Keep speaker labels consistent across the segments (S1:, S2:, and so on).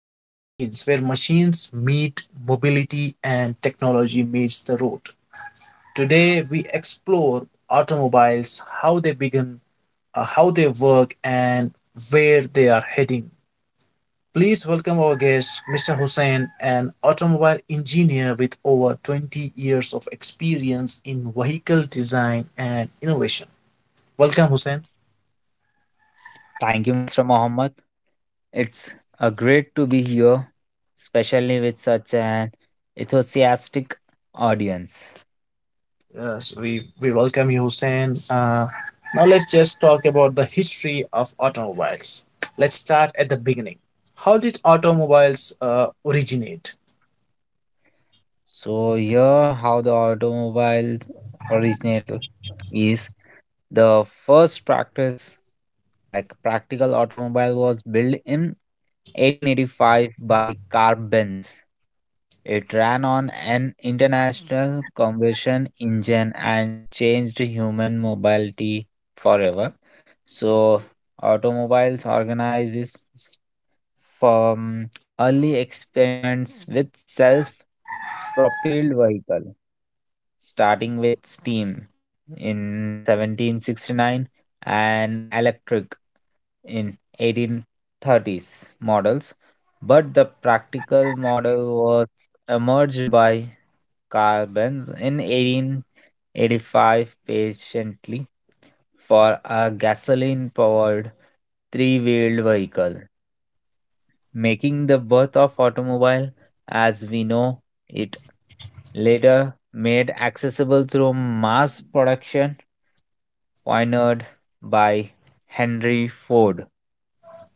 S1: about the machines, where machines meet mobility and technology meets the road. Today, we explore automobiles, how they begin, how they work, and where they are heading. Please welcome our guest, Mr. Hussein, an automobile engineer with over 20 years of experience in vehicle design and innovation. Welcome, Hussein.
S2: Thank you, Mr. Mohammed. It's a great to be here, especially with such an enthusiastic audience.
S1: Yes, we welcome you, Hussein. Now let's just talk about the history of automobiles. Let's start at the beginning. How did automobiles originate?
S2: So here, how the automobiles originate is the first practice, like practical automobile was built in 1885 by Carl Benz. It ran on an international conversion engine and changed human mobility forever. So, automobiles organizes from early experiments with self propelled vehicle starting with steam in 1769 and electric in 1830s models, but the practical model was emerged by Carl Benz in 1885 patiently for a gasoline-powered three-wheeled vehicle making the birth of automobile as we know it later made accessible through mass production pioneered by Henry Ford.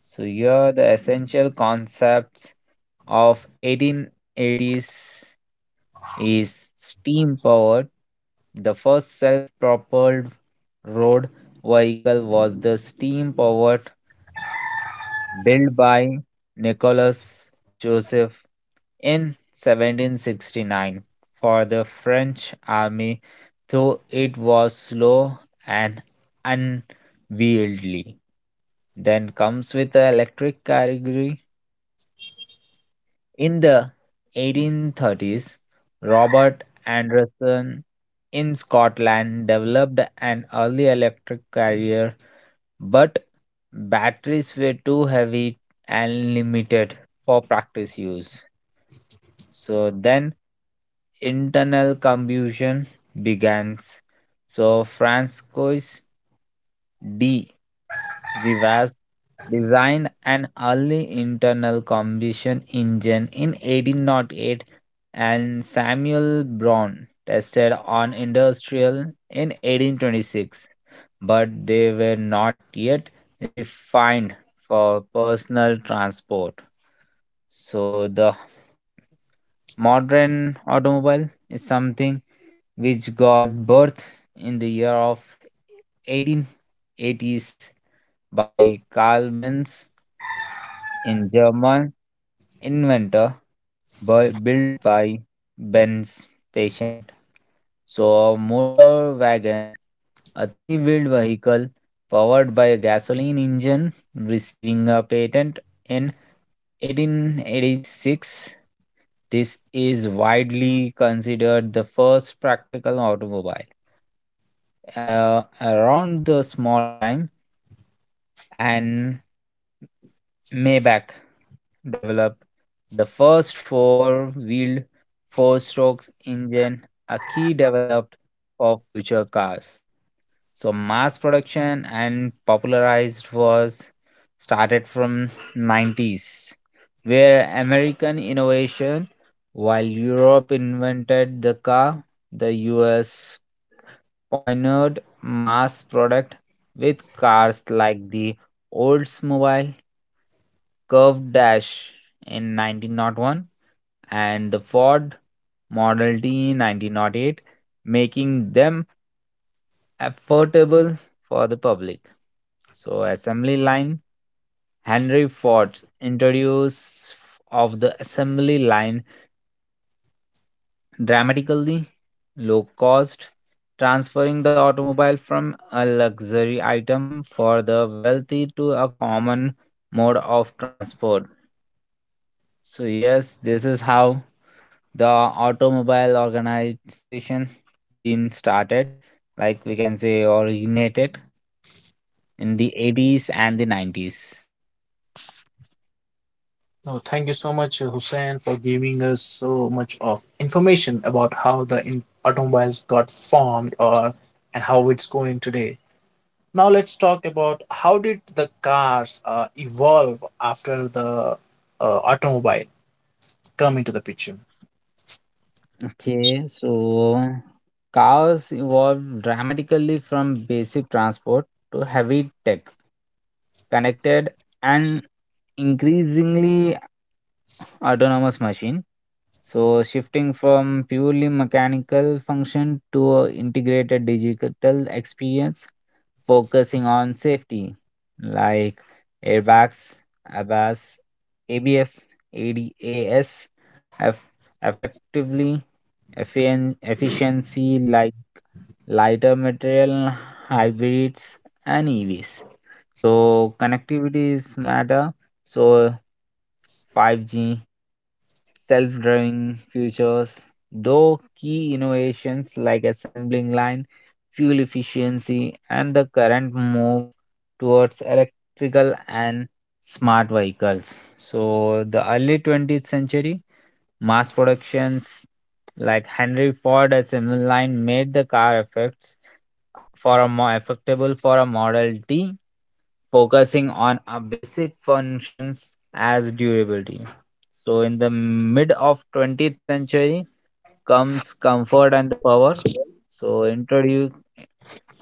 S2: So here the essential concepts of 1880s is steam powered. The first self-propelled road vehicle was the steam powered built by Nicholas Joseph in 1769 for the French army, though it was slow and unwieldy. Then comes with the electric category. In the 1830s, Robert Anderson in Scotland developed an early electric carrier, but batteries were too heavy and limited for practice use. So then internal combustion begins. So Francois D. Rivas designed an early internal combustion engine in 1808 and Samuel Braun tested on industrial in 1826, but they were not yet refined for personal transport. So the modern automobile is something which got birth in the year of 1880s by Carl Benz, in German inventor built by Benz patient. So a motor wagon, a three-wheeled vehicle powered by a gasoline engine, receiving a patent in 1886. This is widely considered the first practical automobile. Around the small time and Maybach developed the first four-wheeled four-stroke engine, a key developed for future cars. So mass production and popularized was started from 90s, where American innovation, while Europe invented the car, the US pioneered mass product with cars like the Oldsmobile Curved Dash in 1901 and the Ford Model T in 1908, making them affordable for the public. So, assembly line Henry Ford's introduce of the assembly line dramatically low cost, transferring the automobile from a luxury item for the wealthy to a common mode of transport. So yes, this is how the automobile organization been started, like we can say originated in the 80s and the 90s.
S1: No, thank you so much, Hussein, for giving us so much of information about how the automobiles got formed or and how it's going today. Now let's talk about how did the cars evolve after the automobile come into the picture.
S2: Okay, so cars evolved dramatically from basic transport to heavy tech connected and increasingly autonomous machine. So shifting from purely mechanical function to a integrated digital experience focusing on safety like airbags, ABAS, ABS, ADAS, eff- effectively efficiency like lighter material, hybrids, and EVs. So connectivity is matter. So 5G, self-driving features. Though key innovations like assembling line, fuel efficiency, and the current move towards electrical and smart vehicles. So the early 20th century mass productions like Henry Ford assembly line made the car effects for a more effectable for a model T, focusing on a basic functions as durability. So in the mid of 20th century comes comfort and the power, so introduce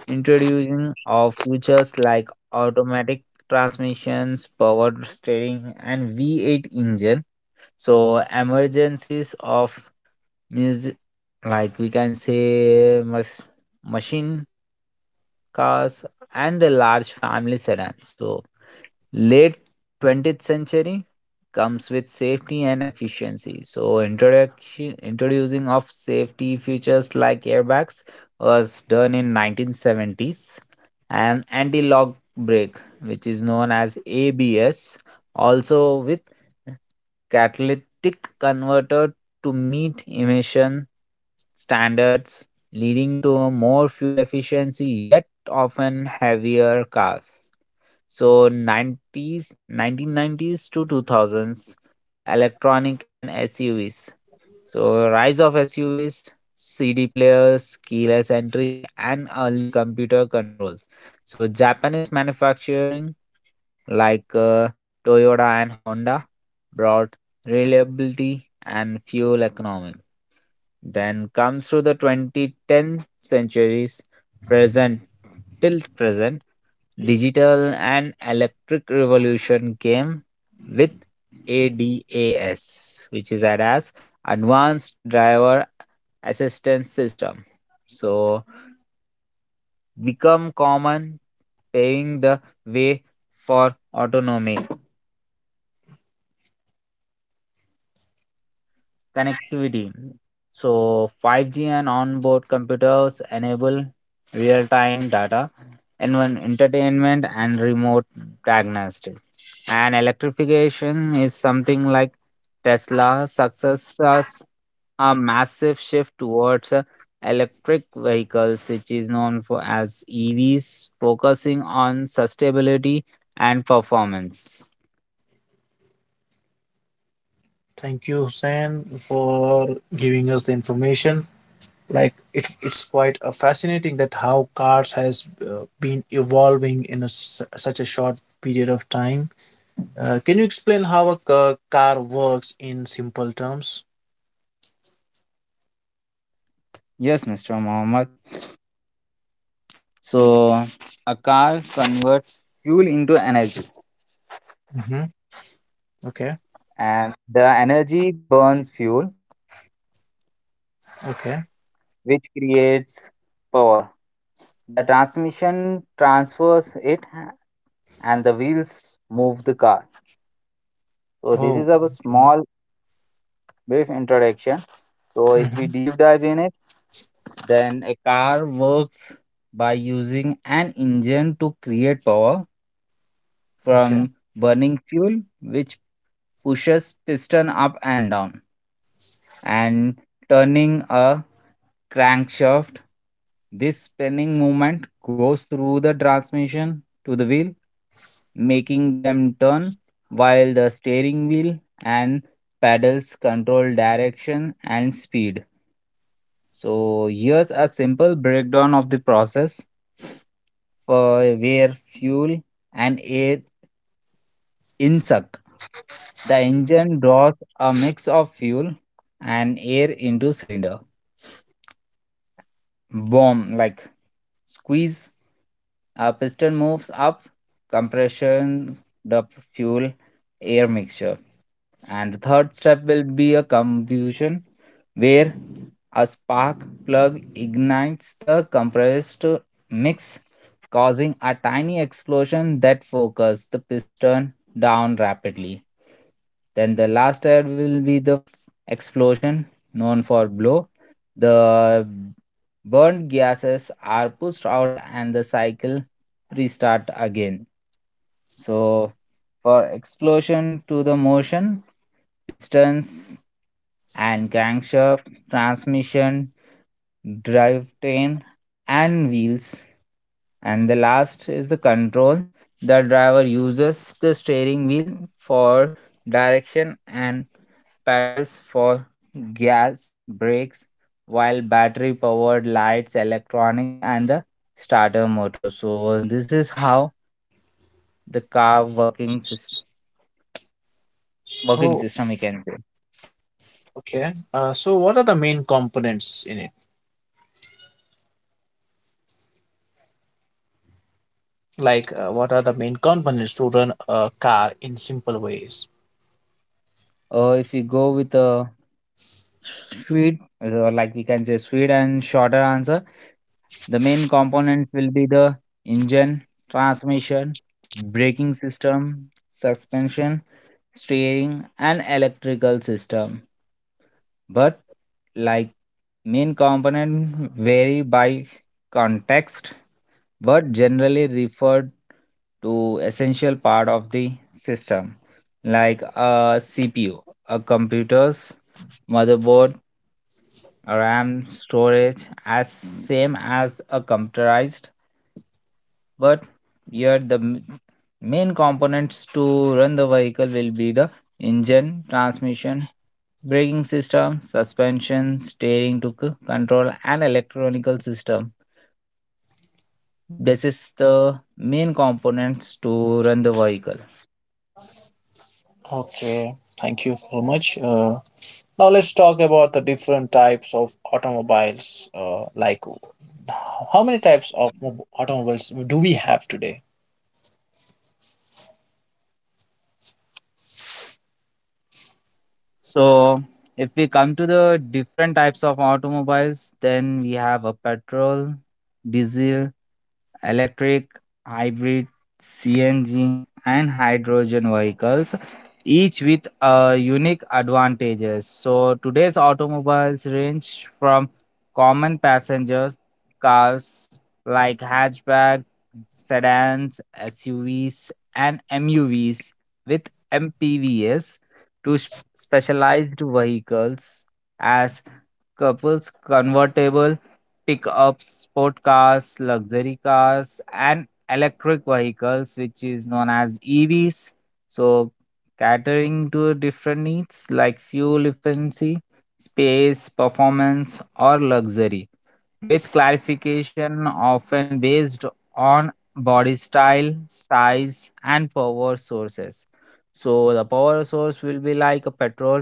S2: introducing of features like automatic transmissions power steering and v8 engine, so emergencies of music like we can say machine cars and the large family sedans. So late 20th century comes with safety and efficiency. So introduction introducing of safety features like airbags was done in 1970s and anti-lock brake which is known as ABS also with catalytic converter to meet emission standards leading to a more fuel efficiency yet often heavier cars. So 90s, 1990s to 2000s, electronic and SUVs. So rise of SUVs, CD players, keyless entry, and early computer controls. So Japanese manufacturing like Toyota and Honda brought reliability and fuel economy. Then comes through the 2010 centuries present present digital and electric revolution came with ADAS, which is that as Advanced Driver Assistance System. So become common, paving the way for autonomy. Connectivity. So 5G and onboard computers enable real-time data, N1 entertainment and remote diagnostics. And electrification is something like Tesla successes a massive shift towards electric vehicles, which is known for as EVs, focusing on sustainability and performance.
S1: Thank you, Hussein, for giving us the information. Like it's quite a fascinating that how cars has been evolving in a s such a short period of time. Can you explain how a car works in simple terms?
S2: Yes, Mr. Mohammed. So a car converts fuel into energy,
S1: Mm-hmm. Okay.
S2: and the energy burns fuel,
S1: Okay.
S2: which creates power. The transmission transfers it, and the wheels move the car. So this
S1: Oh.
S2: is a
S1: Okay.
S2: small brief introduction. So if we
S1: Mm-hmm.
S2: deep dive in it, then a car works by using an engine to create power
S1: Okay.
S2: from burning fuel, which pushes piston up and down and turning a crankshaft. This spinning movement goes through the transmission to the wheel, making them turn while the steering wheel and pedals control direction and speed. So, here's a simple breakdown of the process for where fuel and air insuck. The engine draws a mix of fuel and air into cylinder. Boom, like squeeze, piston moves up, compression, the fuel, air mixture. And the third step will be a combustion where a spark plug ignites the compressed mix, causing a tiny explosion that forces the piston down rapidly. Then the last air will be the explosion known for blow. The burnt gases are pushed out and the cycle restarts again. So for explosion to the motion, pistons and crankshaft, transmission, drivetrain and wheels. And the last is the control. The driver uses the steering wheel for direction and pedals for gas, brakes, while battery powered lights, electronics, and the starter motor. So, this is how the car working
S1: Oh.
S2: system we can say.
S1: Okay. So, what are the main components in it? Like, what are the main components to run a car in simple ways?
S2: If we go with a sweet like we can say sweet and shorter answer, the main components will be the engine transmission braking system suspension steering and electrical system, but like main component vary by context but generally referred to essential part of the system like a CPU, a computer's motherboard, ram storage, as same as a computerized, but here the main components to run the vehicle will be the engine transmission braking system suspension steering to control and electronical system. This is the main components to run the vehicle.
S1: Okay, thank you so much. Now let's talk about the different types of automobiles. Like, how many types of automobiles do we have today?
S2: So if we come to the different types of automobiles, then we have a petrol, diesel, electric, hybrid, CNG, and hydrogen vehicles, each with unique advantages. So today's automobiles range from common passengers cars like hatchback, sedans, SUVs, and MUVs with MPVs specialized vehicles as couples, convertible pickups, sport cars, luxury cars, and electric vehicles, which is known as EVs. So, catering to different needs like fuel efficiency, space, performance, or luxury with clarification often based on body style, size, and power sources. So, the power source will be like a petrol,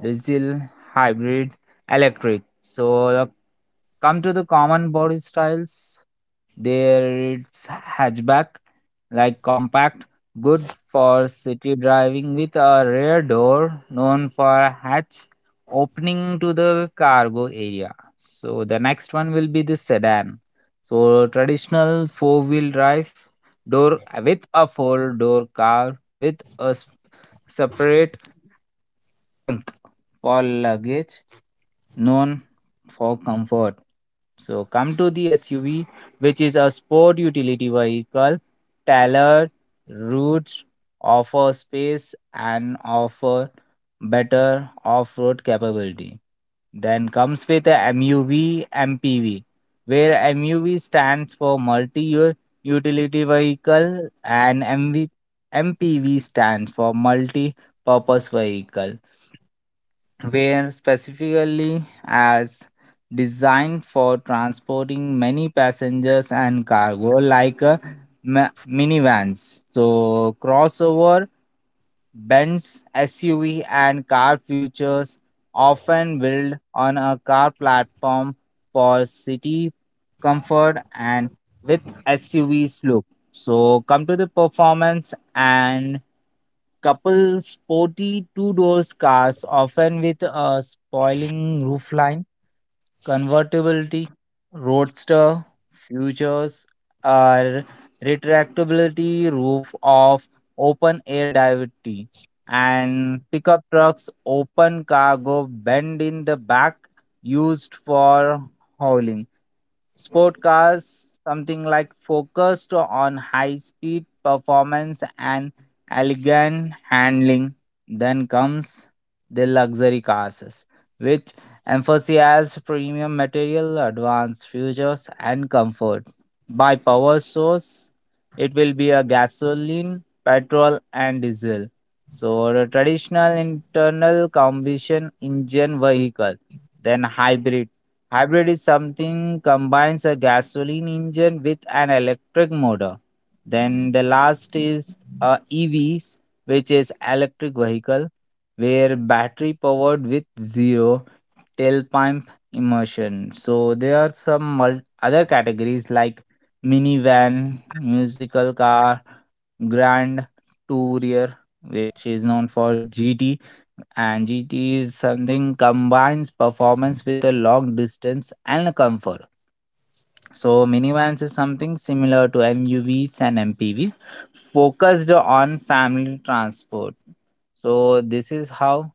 S2: diesel, hybrid, electric. So, the come to the common body styles, there, it's hatchback, like compact, good for city driving with a rear door known for a hatch opening to the cargo area. So the next one will be the sedan. So traditional four-wheel drive door with a four-door car with a separate trunk for luggage known for comfort. So come to the SUV, which is a sport utility vehicle, tailored routes, offer space and offer better off-road capability. Then comes with a MUV MPV, where MUV stands for multi utility vehicle and MV, MPV stands for multi-purpose vehicle were specifically as designed for transporting many passengers and cargo like minivans so crossover Benz SUV and car futures often build on a car platform for city comfort and with SUV's look. So come to the performance and couple sporty two-doors cars often with a spoiling roofline. Convertibility, roadster, futures are retractability, roof of open air divity, and pickup trucks, open cargo, bend in the back, used for hauling. Sport cars, something like focused on high speed performance and elegant handling. Then comes the luxury cars, which emphasized premium material, advanced features, and comfort. By power source, it will be a gasoline, petrol, and diesel. So, the traditional internal combustion engine vehicle, then hybrid. Hybrid is something combines a gasoline engine with an electric motor. Then the last is EVs, which is electric vehicle, where battery powered with zero tailpipe immersion. So there are some other categories like minivan, musical car, grand tourer, which is known for GT, and GT is something combines performance with a long distance and a comfort. So minivans is something similar to MUVs and MPV, focused on family transport. So this is how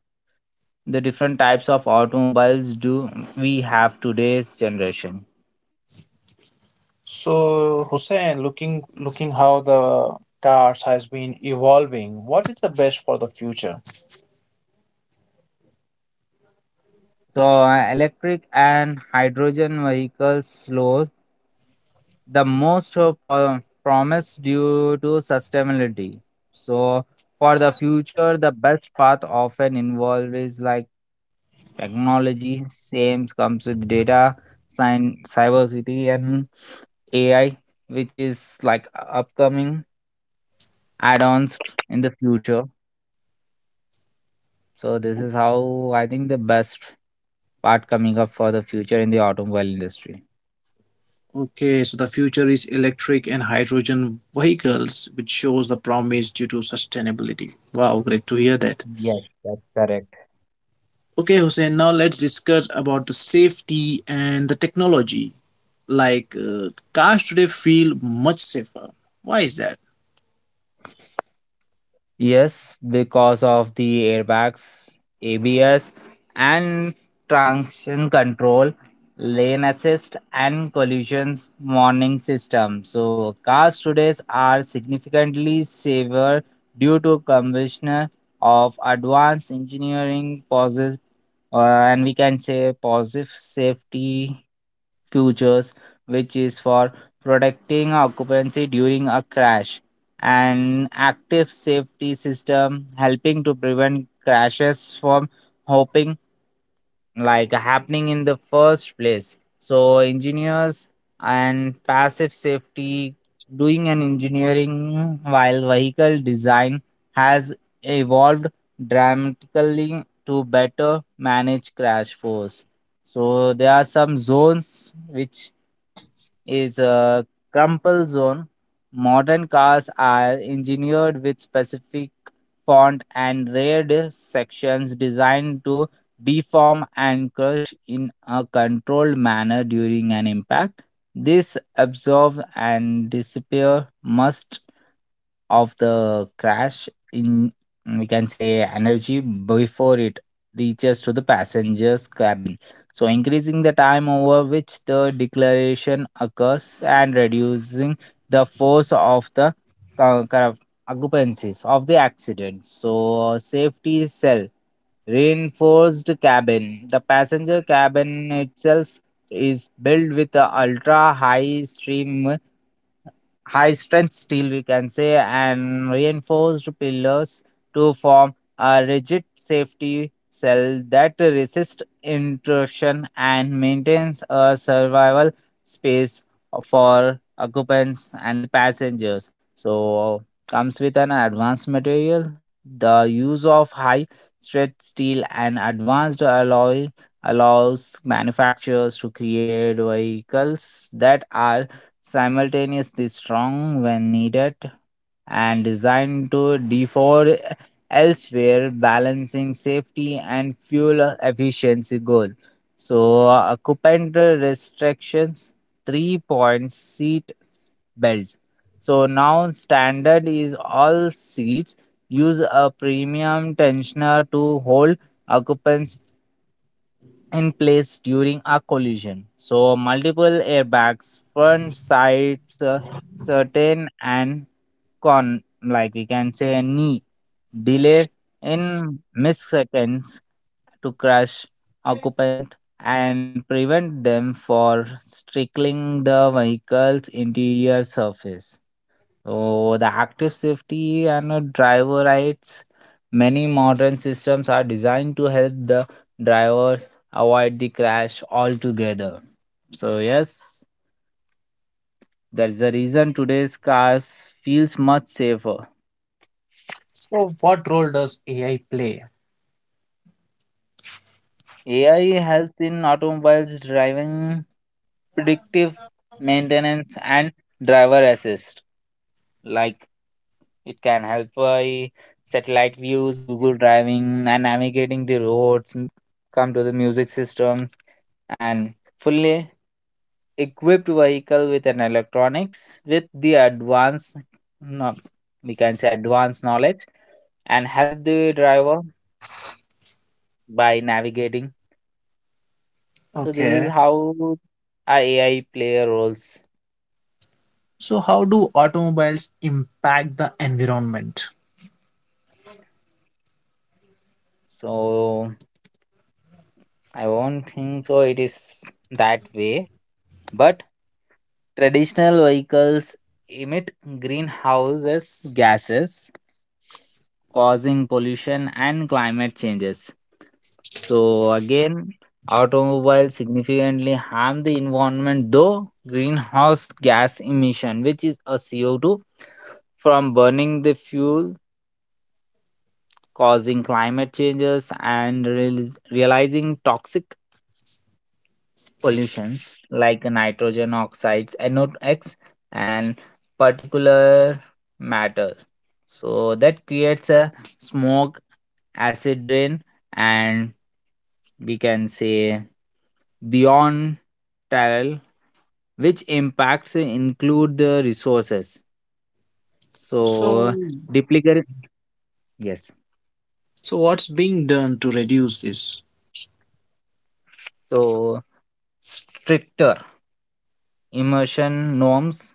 S2: the different types of automobiles do we have today's generation.
S1: So Hussein, looking how the cars has been evolving, what is the best for the future?
S2: So electric and hydrogen vehicles slows the most of promise due to sustainability. So for the future the best path often involved is like technology same comes with data science cybersecurity and AI, which is like upcoming add-ons in the future. So this is how I think the best part coming up for the future in the automobile industry.
S1: Okay, so the future is electric and hydrogen vehicles, which shows the promise due to sustainability. Wow, great to hear that.
S2: Yes, that's correct.
S1: Okay, Hussein, now let's discuss about the safety and the technology. Like cars today feel much safer. Why is that?
S2: Yes, because of the airbags, ABS, and traction control, lane assist, and collisions warning system. So, cars today are significantly safer due to combination of advanced engineering process, and we can say positive safety features, which is for protecting occupancy during a crash, and active safety system helping to prevent crashes from hopping like happening in the first place. So engineers and passive safety doing an engineering while vehicle design has evolved dramatically to better manage crash force, so there are some zones which is a crumple zone. Modern cars are engineered with specific font and rayed sections designed to deform and crush in a controlled manner during an impact. This absorb and disappear must of the crash in, we can say, energy before it reaches to the passenger's cabin, so increasing the time over which the declaration occurs and reducing the force of the co- co- occupancies of the accident. So safety cell reinforced cabin, the passenger cabin itself, is built with a ultra high stream high strength steel, we can say, and reinforced pillars to form a rigid safety cell that resists intrusion and maintains a survival space for occupants and the passengers, so comes with an advanced material. The use of high strength steel and advanced alloy allows manufacturers to create vehicles that are simultaneously strong when needed and designed to defer elsewhere, balancing safety and fuel efficiency goal. So, occupant restrictions, three point seat belts. So now standard is all seats use a premium tensioner to hold occupants in place during a collision. So, multiple airbags, front, sides, certain, and con, like we can say, a knee delay in milliseconds to crush occupant and prevent them for strickling the vehicle's interior surface. So the active safety and, driver rights. Many modern systems are designed to help the drivers avoid the crash altogether. So yes, that's the reason today's cars feels much safer.
S1: So, what role does AI play?
S2: AI helps in automobiles driving, predictive maintenance, and driver assist. Like it can help by satellite views, Google driving, and navigating the roads. Come to the music system and fully equipped vehicle with an electronics with the advanced, no, we can say advanced knowledge and help the driver by navigating. So this is
S1: Okay.
S2: how a AI player roles.
S1: So, how do automobiles impact the environment?
S2: So I won't think so it is that way. But traditional vehicles emit greenhouses gases, causing pollution and climate changes. So again, automobiles significantly harm the environment though greenhouse gas emission, which is a CO2 from burning the fuel, causing climate changes and realizing toxic pollutions like nitrogen oxides, NOx, and particular matter. So that creates a smoke, acid rain, and, we can say, beyond tile, which impacts include the resources.
S1: So,
S2: So duplicate, yes.
S1: So, what's being done to reduce this?
S2: So stricter emission norms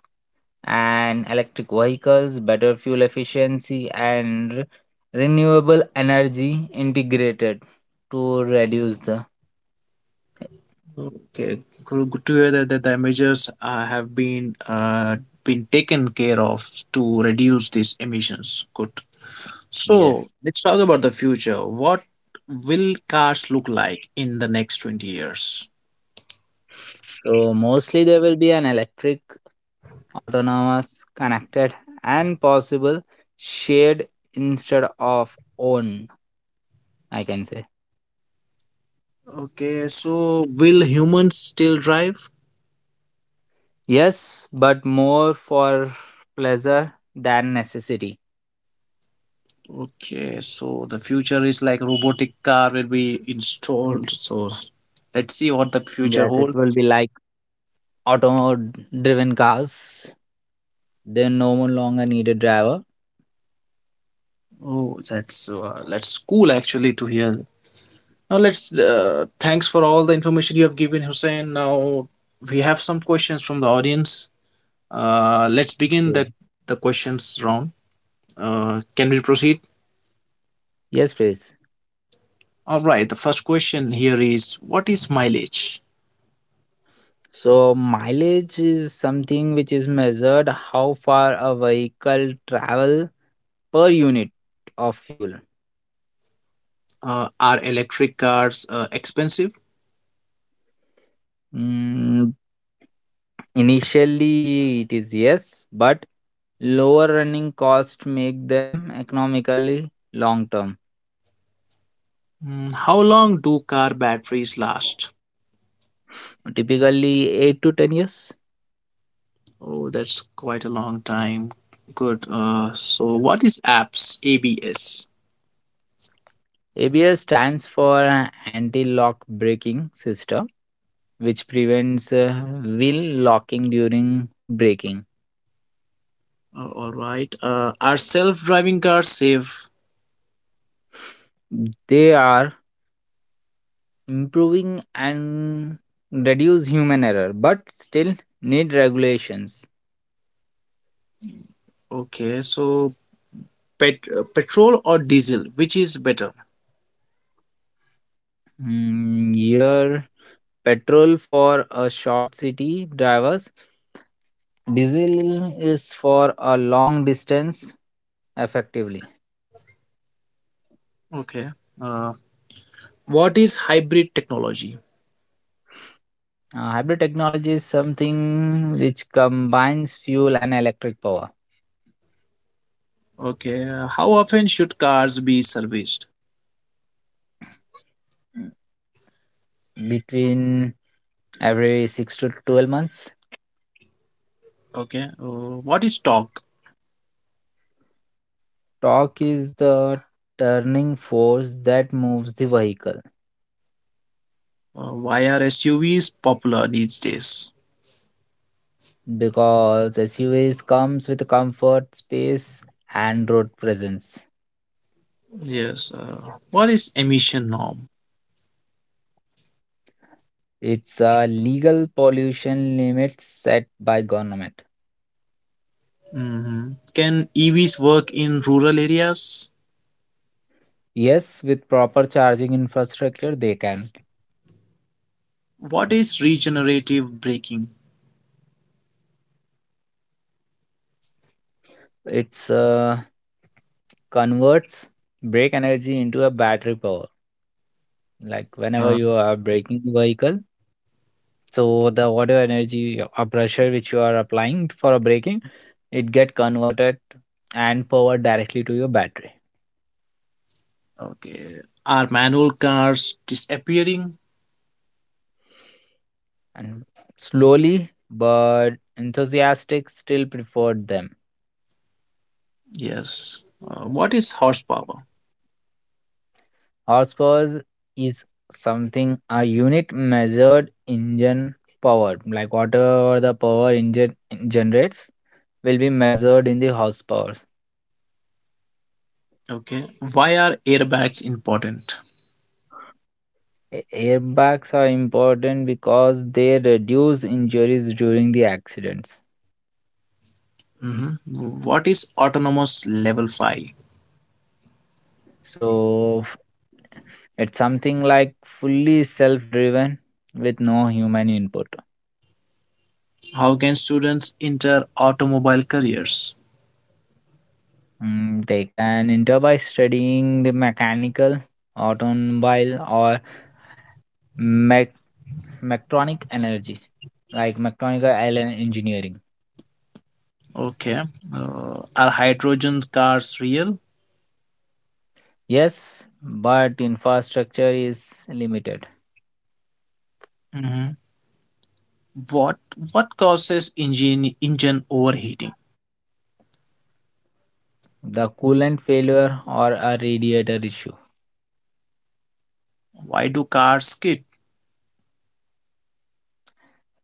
S2: and electric vehicles, better fuel efficiency, and renewable energy integrated to reduce the,
S1: Okay, good good to hear that, that the measures have been taken care of to reduce these emissions. Good. So,
S2: yes.
S1: let's talk about the future. What will cars look like in the next 20 years?
S2: So mostly there will be an electric, autonomous, connected, and possible shared instead of owned, I can say.
S1: Okay, so will humans still drive?
S2: Yes, but more for pleasure than necessity.
S1: Okay, so the future is like robotic car will be installed. So let's see what the future
S2: Yes, it
S1: holds.
S2: will be like auto-driven cars. They no more longer need a driver.
S1: Oh, that's cool actually to hear. Now let's thanks for all the information you have given, Hussein. Now we have some questions from the audience. Let's begin
S2: Okay.
S1: that the questions round. Can we proceed?
S2: Yes, please.
S1: All right. The first question here is, what is mileage?
S2: So mileage is something which is measured how far a vehicle travel per unit of fuel.
S1: Are electric cars expensive?
S2: Mm, initially it is yes, but lower running costs make them economically long term.
S1: Mm, how long do car batteries last?
S2: Typically 8 to 10 years.
S1: Oh, that's quite a long time. Good. So, what is apps? ABS.
S2: ABS stands for anti lock braking system, which prevents, wheel locking during braking.
S1: All right. Are self driving cars safe?
S2: They are improving and reduce human error, but still need regulations.
S1: Okay. So, petrol or diesel? Which is better?
S2: Mm, here, petrol for a short city drivers, diesel is for a long distance effectively.
S1: Okay. Uh, what is hybrid technology?
S2: Hybrid technology is something which combines fuel and electric power
S1: Okay. How often should cars be serviced?
S2: between every 6 to 12 months.
S1: Okay. What is torque?
S2: Torque is the turning force that moves the vehicle
S1: Why are SUVs popular these days?
S2: because SUVs comes with comfort, space and road presence.
S1: Yes. What is emission norm?
S2: It's a legal pollution limit set by government.
S1: Mhm. Can EVs work in rural areas?
S2: Yes, with proper charging infrastructure they can.
S1: What is regenerative braking?
S2: It's, converts brake energy into a battery power. Like whenever
S1: Uh,
S2: you are braking the vehicle, so the whatever energy or pressure which you are applying for a braking, it get converted and powered directly to your battery.
S1: okay. Are manual cars disappearing?
S2: And slowly but enthusiastic still preferred them.
S1: Yes. What is horsepower?
S2: Horsepower is something a unit measured engine power, like whatever the power engine generates will be measured in the hospitals.
S1: Okay. Why are airbags important?
S2: Airbags are important because they reduce injuries during the accidents.
S1: Mhm. What is autonomous level 5?
S2: So it's something like fully self-driven with no human input.
S1: How can students enter automobile careers?
S2: Mm, they can enter by studying the mechanical, automobile, or mech- mechatronic energy, like mechanical island engineering.
S1: Okay. Are hydrogen cars real?
S2: Yes, but infrastructure is limited.
S1: Hmm. What what causes engine overheating?
S2: The coolant failure or a radiator issue,
S1: Why do cars skid?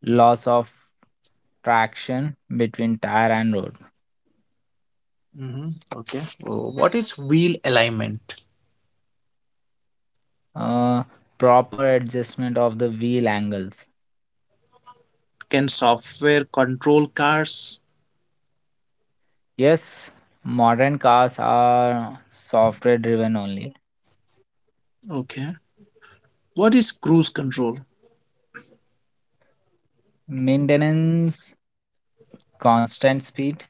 S2: loss of traction between tire and road,
S1: Hmm. Okay. What is wheel alignment?
S2: uh, proper adjustment of the wheel angles.
S1: Can software control cars?
S2: Yes, modern cars are software driven only.
S1: Okay. What is cruise control?
S2: Maintenance, constant speed,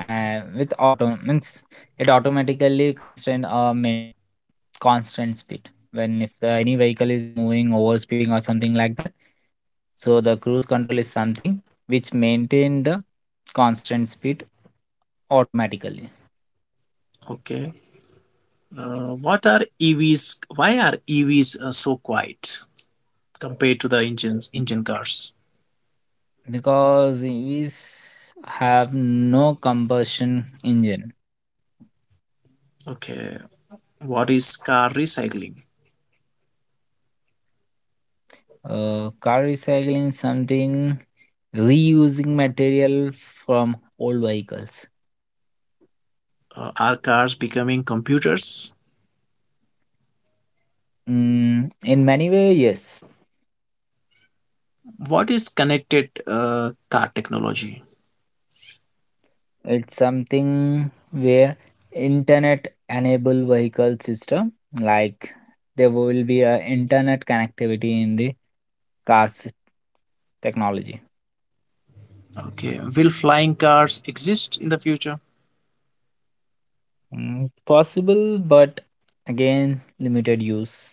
S2: with auto means it automatically constrain a min constant speed when if, any vehicle is moving over speeding or something like that, so the cruise control is something which maintain the constant speed automatically
S1: Okay. What are EVs? Why are EVs so quiet compared to the engine cars?
S2: because we have no combustion engine.
S1: Okay. What is car recycling?
S2: Car recycling is something reusing material from old vehicles.
S1: Are cars becoming computers?
S2: Mm, in many way yes.
S1: What is connected car technology?
S2: It's something where internet enable vehicle system, like there will be a internet connectivity in the cars technology.
S1: Okay, will flying cars exist in the future?
S2: Mm, possible but again limited use.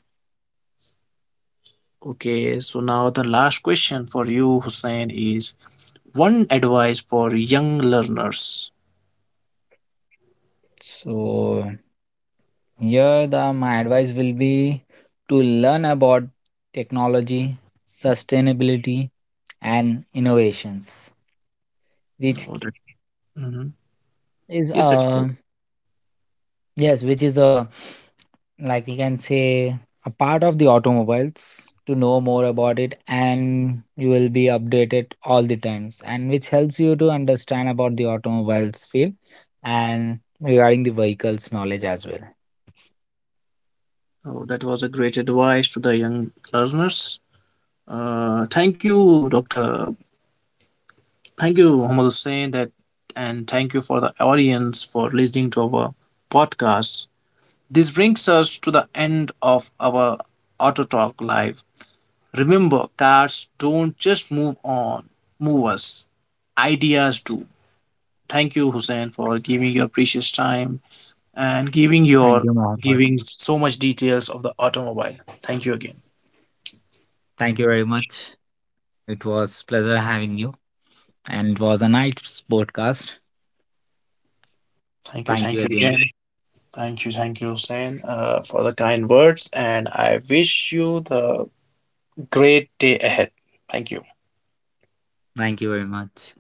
S1: Okay, so now the last question for you, Hussein, is one advice for young learners.
S2: So here the my advice will be to learn about technology, sustainability and innovations which
S1: Oh, that, mhm.
S2: is,
S1: Yes, actually.
S2: yes, which is a, like we can say, a part of the automobiles, to know more about it and you will be updated all the times, and which helps you to understand about the automobiles field and regarding the vehicles knowledge as well.
S1: Oh, that was a great advice to the young learners. Thank you, Doctor. Thank you, Muhammad Hussein, that, and thank you for the audience for listening to our podcast. This brings us to the end of our Auto Talk Live. Remember, cars don't just move on, move us. Ideas do. Thank you, Hussein, for giving your precious time and
S2: Thank you, Mohammed.
S1: giving so much details of the automobile. Thank you again.
S2: Thank you very much. It was pleasure having you and it was a nice podcast. Thank you
S1: Thank you
S2: again.
S1: again. Thank you, Hussein, for the kind words, and I wish you the great day ahead. Thank you.
S2: Thank you very much.